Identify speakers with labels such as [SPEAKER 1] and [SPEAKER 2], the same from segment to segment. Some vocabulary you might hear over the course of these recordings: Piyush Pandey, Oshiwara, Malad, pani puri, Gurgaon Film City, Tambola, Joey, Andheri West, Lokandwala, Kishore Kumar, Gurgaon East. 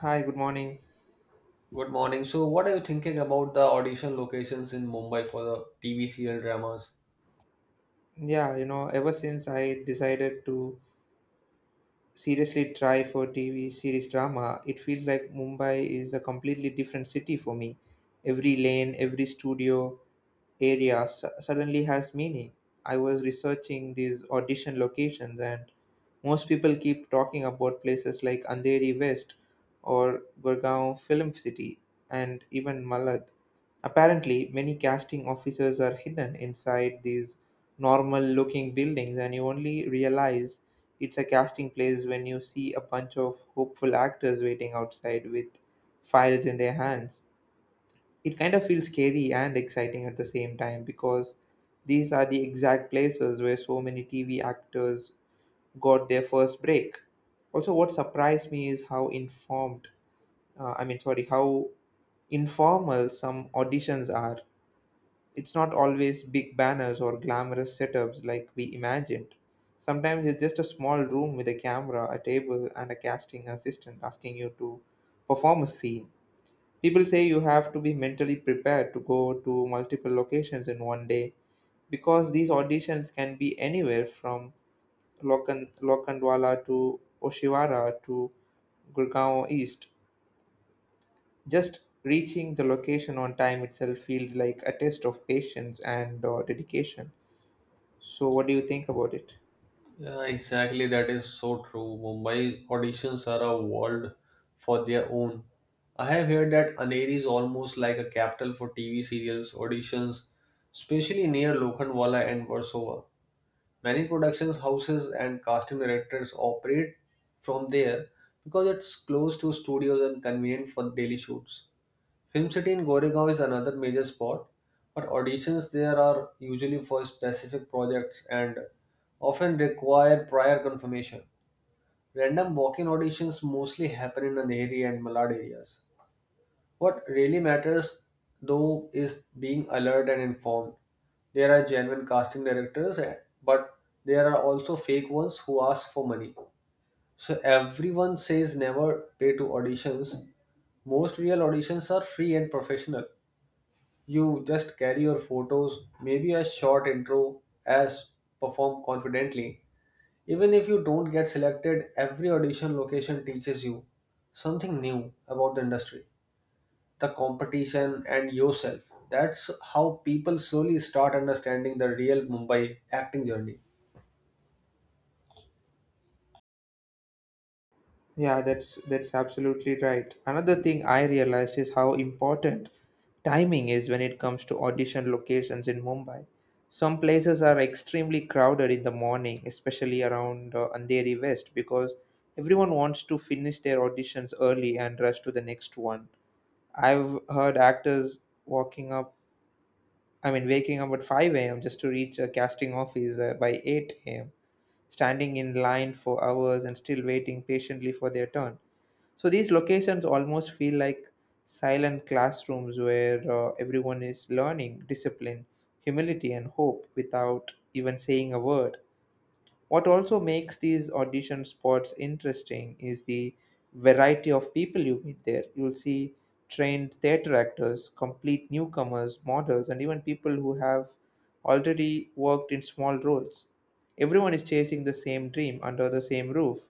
[SPEAKER 1] Hi, good morning.
[SPEAKER 2] Good morning. So, what are you thinking about the audition locations in Mumbai for the TV serial dramas?
[SPEAKER 1] Ever since I decided to seriously try for TV series drama, it feels like Mumbai is a completely different city for me. Every lane, every studio, suddenly has meaning. I was researching these audition locations, and most people keep talking about places like Andheri West or Gurgaon Film City and even Malad. Apparently, many casting officers are hidden inside these normal looking buildings, and you only realize it's a casting place when you see a bunch of hopeful actors waiting outside with files in their hands. It kind of feels scary and exciting at the same time because these are the exact places where so many TV actors got their first break. Also, what surprised me is how informed, I mean, sorry, how informal some auditions are. It's not always big banners or glamorous setups like we imagined. Sometimes it's just a small room with a camera, a table, and a casting assistant asking you to perform a scene. People say you have to be mentally prepared to go to multiple locations in one day because these auditions can be anywhere from Lokandwala to Oshiwara to Gurgaon East. Just reaching the location on time itself feels like a test of patience and dedication. So, what do you think about it?
[SPEAKER 2] Yeah, exactly. That is so true. Mumbai auditions are a world for their own. I have heard that Aneri is almost like a capital for TV serials auditions, especially near Lokhandwala and Versova. Many productions houses and casting directors operate from there because it's close to studios and convenient for daily shoots. Film city in Goregaon is another major spot, but auditions there are usually for specific projects and often require prior confirmation. Random walk-in auditions mostly happen in the Andheri and Malad areas. What really matters though is being alert and informed. There are genuine casting directors, but there are also fake ones who ask for money. So everyone says never pay to auditions. Most real auditions are free and professional. You just carry your photos, maybe a short intro as perform confidently. Even if you don't get selected, every audition location teaches you something new about the industry, the competition, and yourself. That's how people slowly start understanding the real Mumbai acting journey.
[SPEAKER 1] Yeah, that's absolutely right. Another thing I realized is how important timing is when it comes to audition locations in Mumbai. Some places are extremely crowded in the morning, especially around Andheri West, because everyone wants to finish their auditions early and rush to the next one. I've heard actors walking up, I mean, waking up at 5 a.m. just to reach a casting office by 8 a.m., standing in line for hours and still waiting patiently for their turn. So these locations almost feel like silent classrooms where everyone is learning discipline, humility, and hope without even saying a word. What also makes these audition spots interesting is the variety of people you meet there. You'll see trained theater actors, complete newcomers, models, and even people who have already worked in small roles. Everyone is chasing the same dream under the same roof.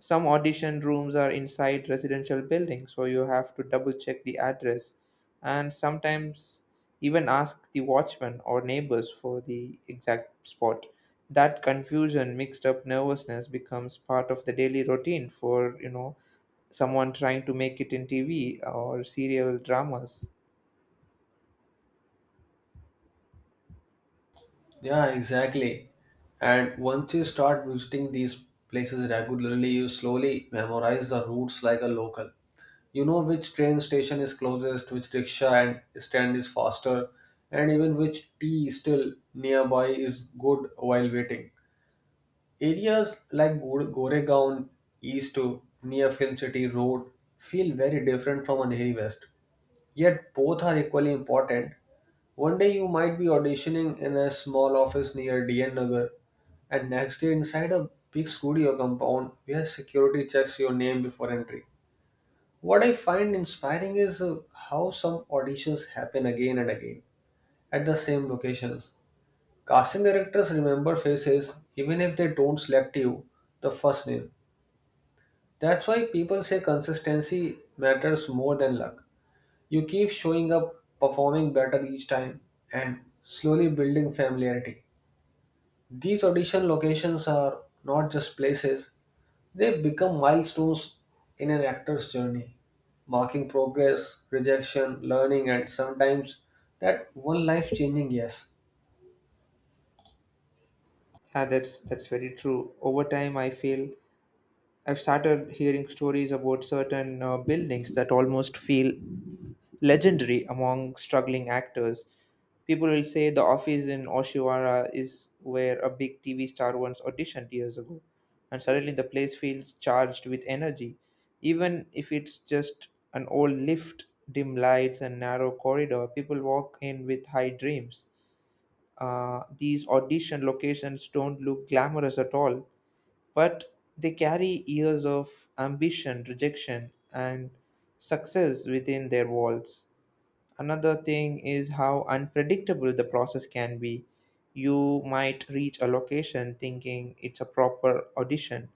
[SPEAKER 1] Some audition rooms are inside residential buildings, so you have to double check the address and sometimes even ask the watchman or neighbors for the exact spot. That confusion, mixed up nervousness becomes part of the daily routine for, someone trying to make it in TV or serial dramas.
[SPEAKER 2] Yeah, exactly. And once you start visiting these places regularly, you slowly memorize the routes like a local. You know which train station is closest, which rickshaw and stand is faster, and even which tea still nearby is good while waiting. Areas like Goregaon East to near Film City Road feel very different from Andheri West, yet both are equally important. One day you might be auditioning in a small office near DN Nagar, and next day inside a big studio compound where security checks your name before entry. What I find inspiring is how some auditions happen again and again at the same locations. Casting directors remember faces even if they don't select you the first name. That's why people say consistency matters more than luck. You keep showing up, performing better each time, and slowly building familiarity. These audition locations are not just places. They become milestones in an actor's journey, marking progress, rejection, learning, and sometimes that one life changing yes.
[SPEAKER 1] Yeah, that's very true. Over time, I feel I've started hearing stories about certain buildings that almost feel legendary among struggling actors. People will say The Office in Oshiwara is where a big TV star once auditioned years ago, and suddenly the place feels charged with energy, even if it's just an old lift, dim lights, and narrow corridor. People walk in with high dreams. These audition locations don't look glamorous at all, but they carry years of ambition, rejection, and success within their walls. Another thing is how unpredictable the process can be. You might reach a location thinking it's a proper audition,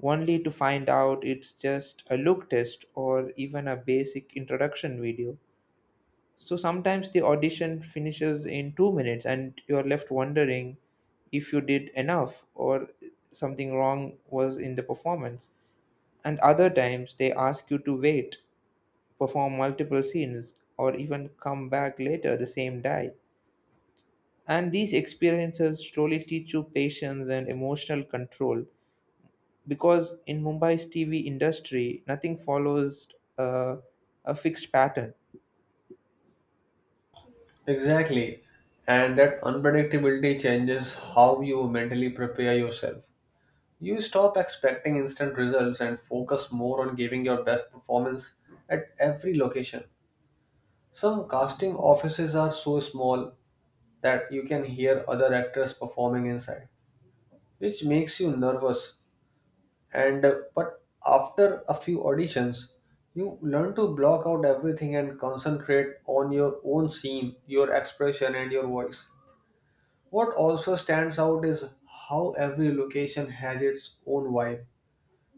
[SPEAKER 1] only to find out it's just a look test or even a basic introduction video. So sometimes the audition finishes in two minutes and you're left wondering if you did enough or something wrong was in the performance. And other times they ask you to wait, perform multiple scenes, or even come back later the same day. And these experiences slowly teach you patience and emotional control because in Mumbai's TV industry, nothing follows uh, a fixed pattern.
[SPEAKER 2] Exactly. And that unpredictability changes how you mentally prepare yourself. You stop expecting instant results and focus more on giving your best performance at every location. Some casting offices are so small that you can hear other actors performing inside, which makes you nervous and but after a few auditions you learn to block out everything and concentrate on your own scene, your expression, and your voice. What also stands out is how every location has its own vibe.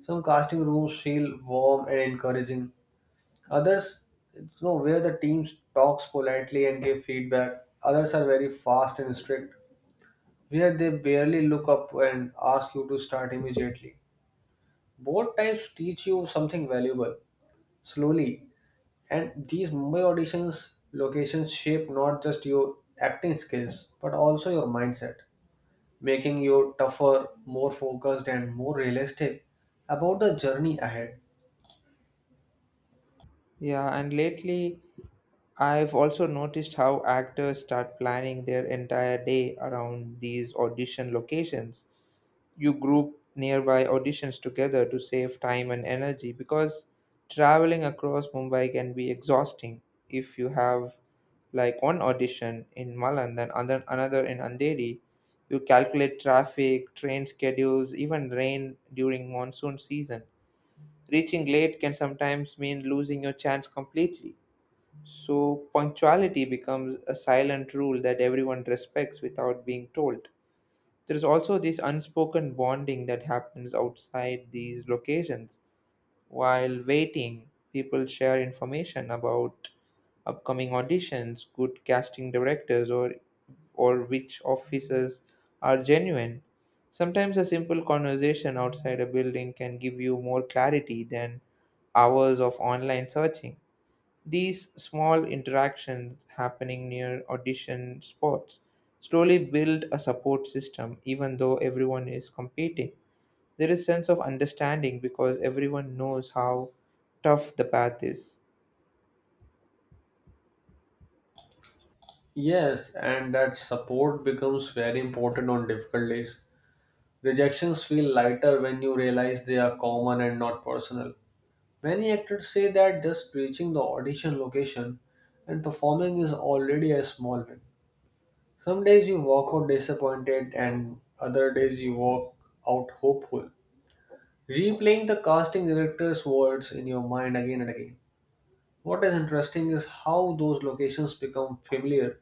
[SPEAKER 2] Some casting rooms feel warm and encouraging, others, you know, where the team talks politely and give feedback, others are very fast and strict, where they barely look up and ask you to start immediately. Both types teach you something valuable slowly. And these Mumbai auditions locations shape not just your acting skills but also your mindset, making you tougher, more focused, and more realistic about the journey ahead.
[SPEAKER 1] Yeah, and lately I've also noticed how actors start planning their entire day around these audition locations. You group nearby auditions together to save time and energy because traveling across Mumbai can be exhausting if you have like one audition in Malan then other another in Andheri. You calculate traffic, train schedules, even rain during monsoon season. Reaching late can sometimes mean losing your chance completely, so punctuality becomes a silent rule that everyone respects without being told. There is also this unspoken bonding that happens outside these locations. While waiting, people share information about upcoming auditions, good casting directors, or which offices are genuine. Sometimes a simple conversation outside a building can give you more clarity than hours of online searching. These small interactions happening near audition spots slowly build a support system even though everyone is competing. There is sense of understanding because everyone knows how tough the path is.
[SPEAKER 2] Yes, and that support becomes very important on difficult days. Rejections feel lighter when you realize they are common and not personal. Many actors say that just reaching the audition location and performing is already a small win. Some days you walk out disappointed, and other days you walk out hopeful, replaying the casting director's words in your mind again and again. What is interesting is how those locations become familiar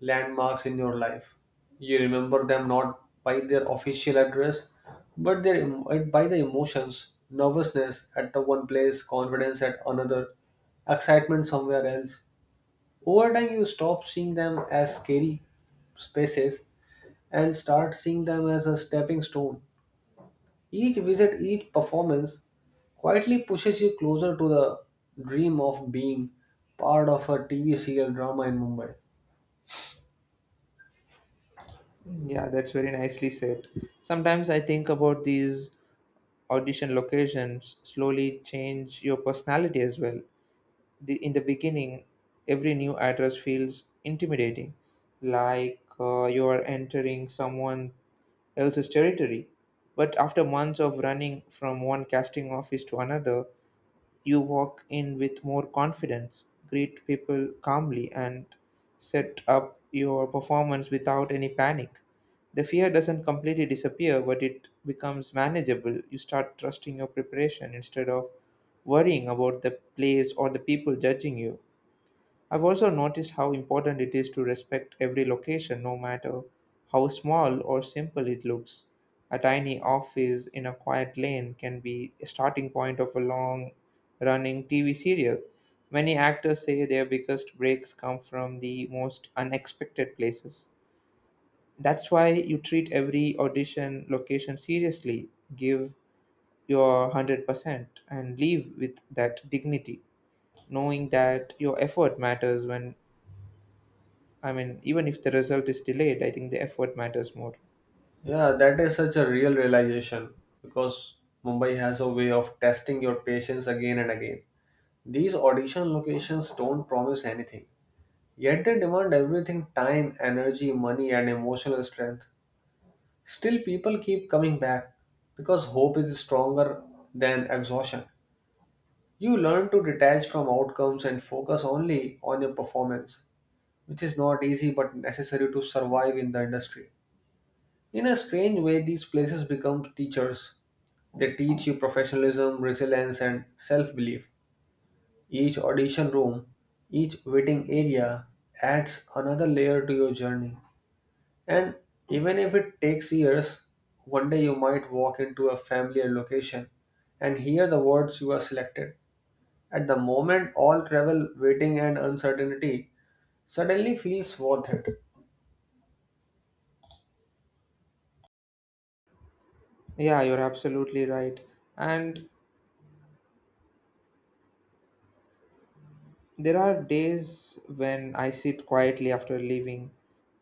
[SPEAKER 2] landmarks in your life. You remember them not by their official address, but their, by the emotions, nervousness at the one place, confidence at another, excitement somewhere else. Over time, you stop seeing them as scary spaces and start seeing them as a stepping stone. Each visit, each performance quietly pushes you closer to the dream of being part of a TV serial drama in Mumbai.
[SPEAKER 1] Yeah, that's very nicely said. Sometimes I think about these audition locations slowly change your personality as well. the in the beginning, every new address feels intimidating, like you are entering someone else's territory, but after months of running from one casting office to another you walk in with more confidence, greet people calmly, and set up your performance without any panic. The fear doesn't completely disappear, but it becomes manageable. You start trusting your preparation instead of worrying about the place or the people judging you. I've also noticed how important it is to respect every location, no matter how small or simple it looks. A tiny office in a quiet lane can be a starting point of a long running TV serial. Many actors say their biggest breaks come from the most unexpected places. That's why you treat every audition location seriously, give your 100%, and leave with that dignity, knowing that your effort matters even if the result is delayed. I think the effort matters more.
[SPEAKER 2] Yeah, that is such a real realization because Mumbai has a way of testing your patience again and again. These audition locations don't promise anything, yet they demand everything, time, energy, money, and emotional strength. Still, people keep coming back because hope is stronger than exhaustion. You learn to detach from outcomes and focus only on your performance, which is not easy but necessary to survive in the industry. In a strange way, these places become teachers. They teach you professionalism, resilience, and self belief. Each audition room, each waiting area adds another layer to your journey. And even if it takes years, one day you might walk into a familiar location and hear the words you are selected. At the moment, all travel, waiting, and uncertainty suddenly feels worth it.
[SPEAKER 1] Yeah, you're absolutely right. And there are days when I sit quietly after leaving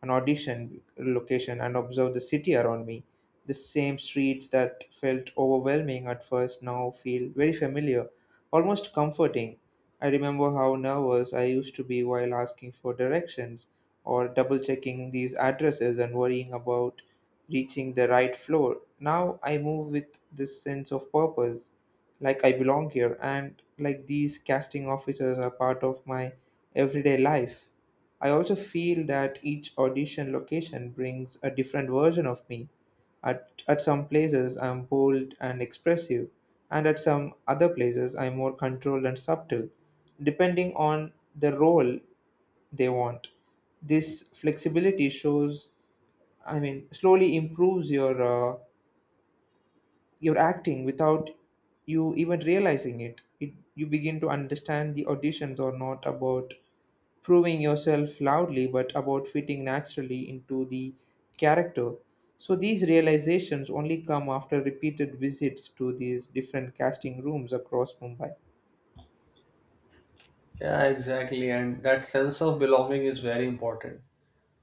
[SPEAKER 1] an audition location and observe the city around me. The same streets that felt overwhelming at first now feel very familiar, almost comforting. I remember how nervous I used to be while asking for directions or double checking these addresses and worrying about reaching the right floor. Now I move with this sense of purpose, like I belong here, and like these casting officers are part of my everyday life. I also feel that each audition location brings a different version of me. At some places, I'm bold and expressive, and at some other places, I'm more controlled and subtle, depending on the role they want. This flexibility slowly improves your acting without you even realizing it. You begin to understand the auditions are not about proving yourself loudly, but about fitting naturally into the character. So these realizations only come after repeated visits to these different casting rooms across Mumbai.
[SPEAKER 2] Yeah, exactly. And that sense of belonging is very important,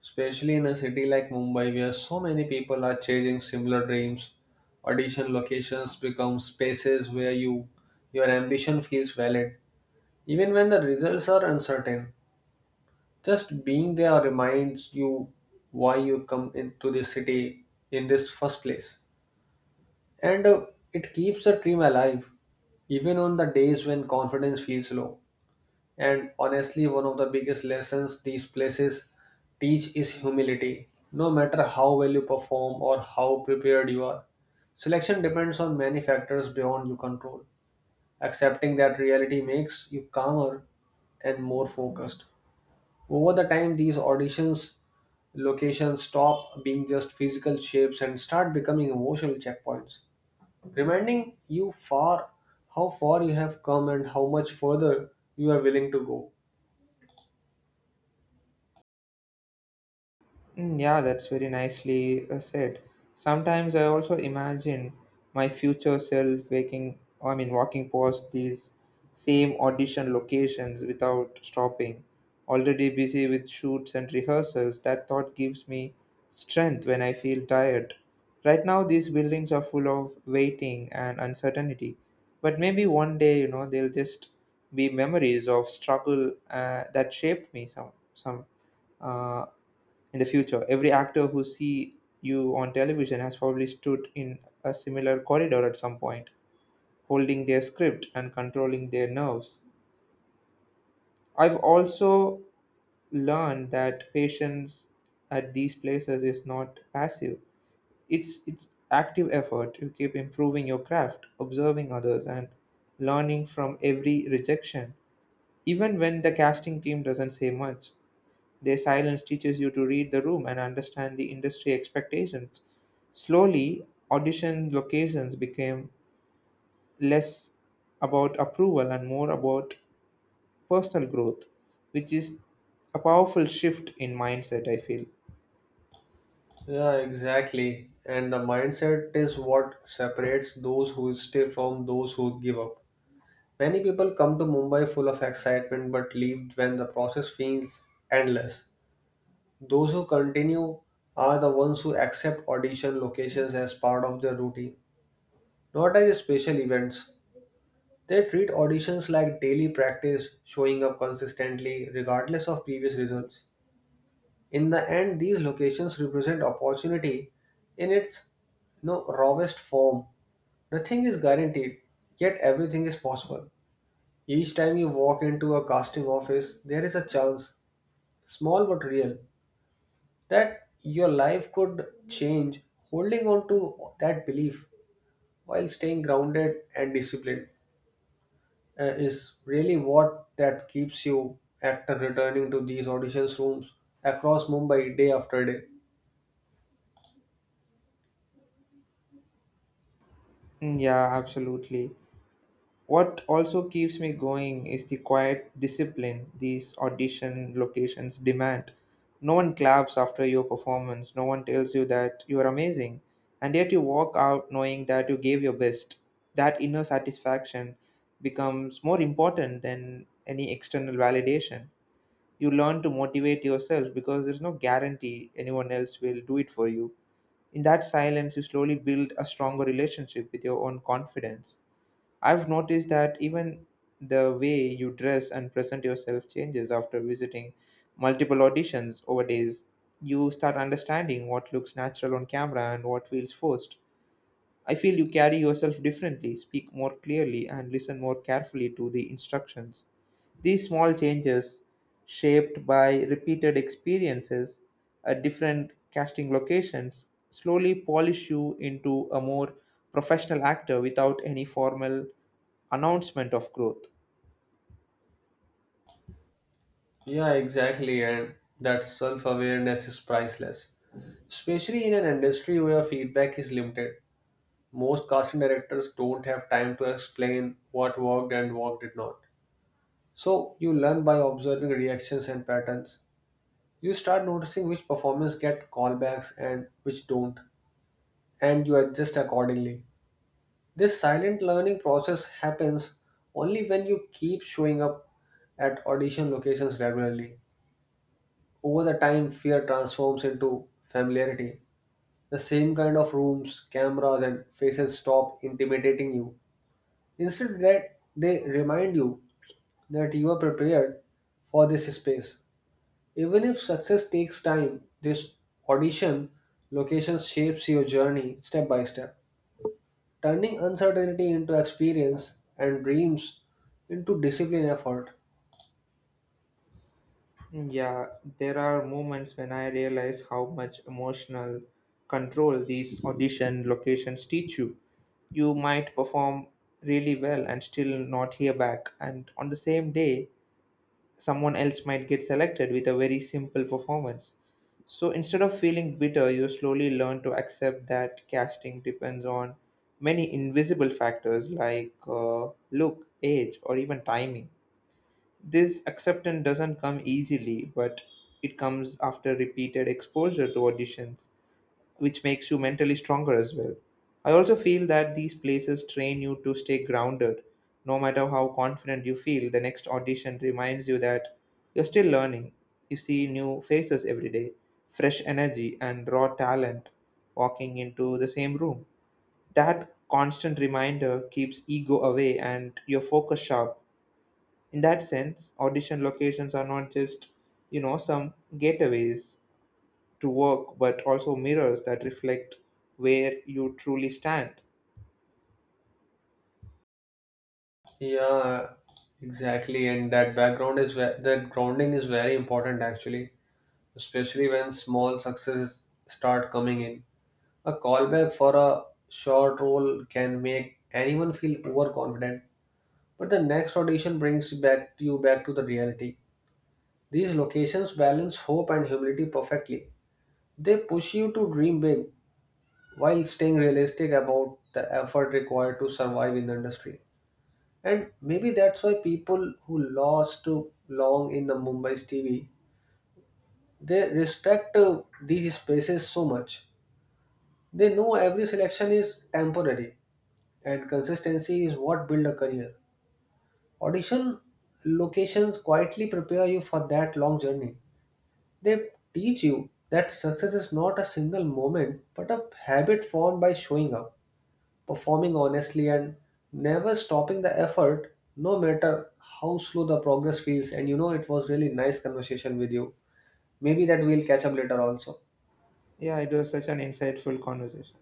[SPEAKER 2] especially in a city like Mumbai where so many people are chasing similar dreams. Audition locations become spaces where you, your ambition feels valid, even when the results are uncertain. Just being there reminds you why you come into this city in this first place. And it keeps the dream alive even on the days when confidence feels low. And honestly, one of the biggest lessons these places teach is humility. No matter how well you perform or how prepared you are, selection depends on many factors beyond your control. Accepting that reality makes you calmer and more focused. Over the time, these auditions locations stop being just physical shapes and start becoming emotional checkpoints, reminding you far how far you have come and how much further you are willing to go.
[SPEAKER 1] Mm, yeah, that's very nicely said. Sometimes I also imagine my future self walking past these same audition locations without stopping, already busy with shoots and rehearsals. That thought gives me strength when I feel tired. Right now, these buildings are full of waiting and uncertainty, but maybe one day, they'll just be memories of struggle that shaped me some some. Uh in the future every actor who see you on television has probably stood in a similar corridor at some point holding their script and controlling their nerves. I've also learned that patience at these places is not passive. It's active effort. You keep improving your craft, observing others, and learning from every rejection even when the casting team doesn't say much. Their silence teaches you to read the room and understand the industry expectations. Slowly, audition locations became less about approval and more about personal growth, which is a powerful shift in mindset, I feel.
[SPEAKER 2] Yeah, exactly. And the mindset is what separates those who stay from those who give up. Many people come to Mumbai full of excitement but leave when the process feels endless. Those who continue are the ones who accept audition locations as part of their routine, not as special events. They treat auditions like daily practice, showing up consistently regardless of previous results. In the end, these locations represent opportunity in its, you know, rawest form. Nothing is guaranteed, yet everything is possible. Each time you walk into a casting office, there is a chance, small but real, that your life could change. Holding on to that belief while staying grounded and disciplined is really what that keeps you actor returning to these auditions rooms across Mumbai day after day.
[SPEAKER 1] Mm, yeah, absolutely. What also keeps me going is the quiet discipline these audition locations demand. No one claps after your performance, no one tells you that you are amazing, and yet you walk out knowing that you gave your best. That inner satisfaction becomes more important than any external validation. You learn to motivate yourself because there's no guarantee anyone else will do it for you. In that silence, you slowly build a stronger relationship with your own confidence. I've noticed that even the way you dress and present yourself changes after visiting multiple auditions over days. You start understanding what looks natural on camera and what feels forced. I feel you carry yourself differently, speak more clearly, and listen more carefully to the instructions. These small changes, shaped by repeated experiences at different casting locations, slowly polish you into a more professional actor without any formal announcement of growth.
[SPEAKER 2] Yeah, exactly, and that self awareness is priceless, especially in an industry where feedback is limited. Most casting directors don't have time to explain what worked and what did not. So you learn by observing reactions and patterns. You start noticing which performances get callbacks and which don't, and you adjust accordingly. This silent learning process happens only when you keep showing up at audition locations regularly. Over the time, fear transforms into familiarity. The same kind of rooms, cameras, and faces stop intimidating you. Instead, that they remind you that you are prepared for this space. Even if success takes time, this audition location shapes your journey step by step, turning uncertainty into experience and dreams into discipline effort.
[SPEAKER 1] Yeah, there are moments when I realize how much emotional control these audition locations teach you. You might perform really well and still not hear back, and on the same day, someone else might get selected with a very simple performance. So instead of feeling bitter, you slowly learn to accept that casting depends on many invisible factors like look, age, or even timing. This acceptance doesn't come easily, but it comes after repeated exposure to auditions, which makes you mentally stronger as well. I also feel that these places train you to stay grounded. No matter how confident you feel, the next audition reminds you that you're still learning. You see new faces every day, fresh energy, and raw talent walking into the same room. That constant reminder keeps ego away and your focus sharp. In that sense, audition locations are not just, some gateways to work, but also mirrors that reflect where you truly stand.
[SPEAKER 2] Yeah, exactly. And that background is that grounding is very important actually, especially when small successes start coming in. A callback for a short role can make anyone feel overconfident, but the next audition brings you back to the reality. These locations balance hope and humility perfectly. They push you to dream big while staying realistic about the effort required to survive in the industry. And maybe that's why people who lost too long in the Mumbai's TV, they respect these spaces so much. They know every selection is temporary and consistency is what build a career. Audition locations quietly prepare you for that long journey. They teach you that success is not a single moment but a habit formed by showing up, performing honestly, and never stopping the effort, no matter how slow the progress feels. And you know it was really nice conversation with you. Maybe that we'll catch up later also.
[SPEAKER 1] Yeah, it was such an insightful conversation.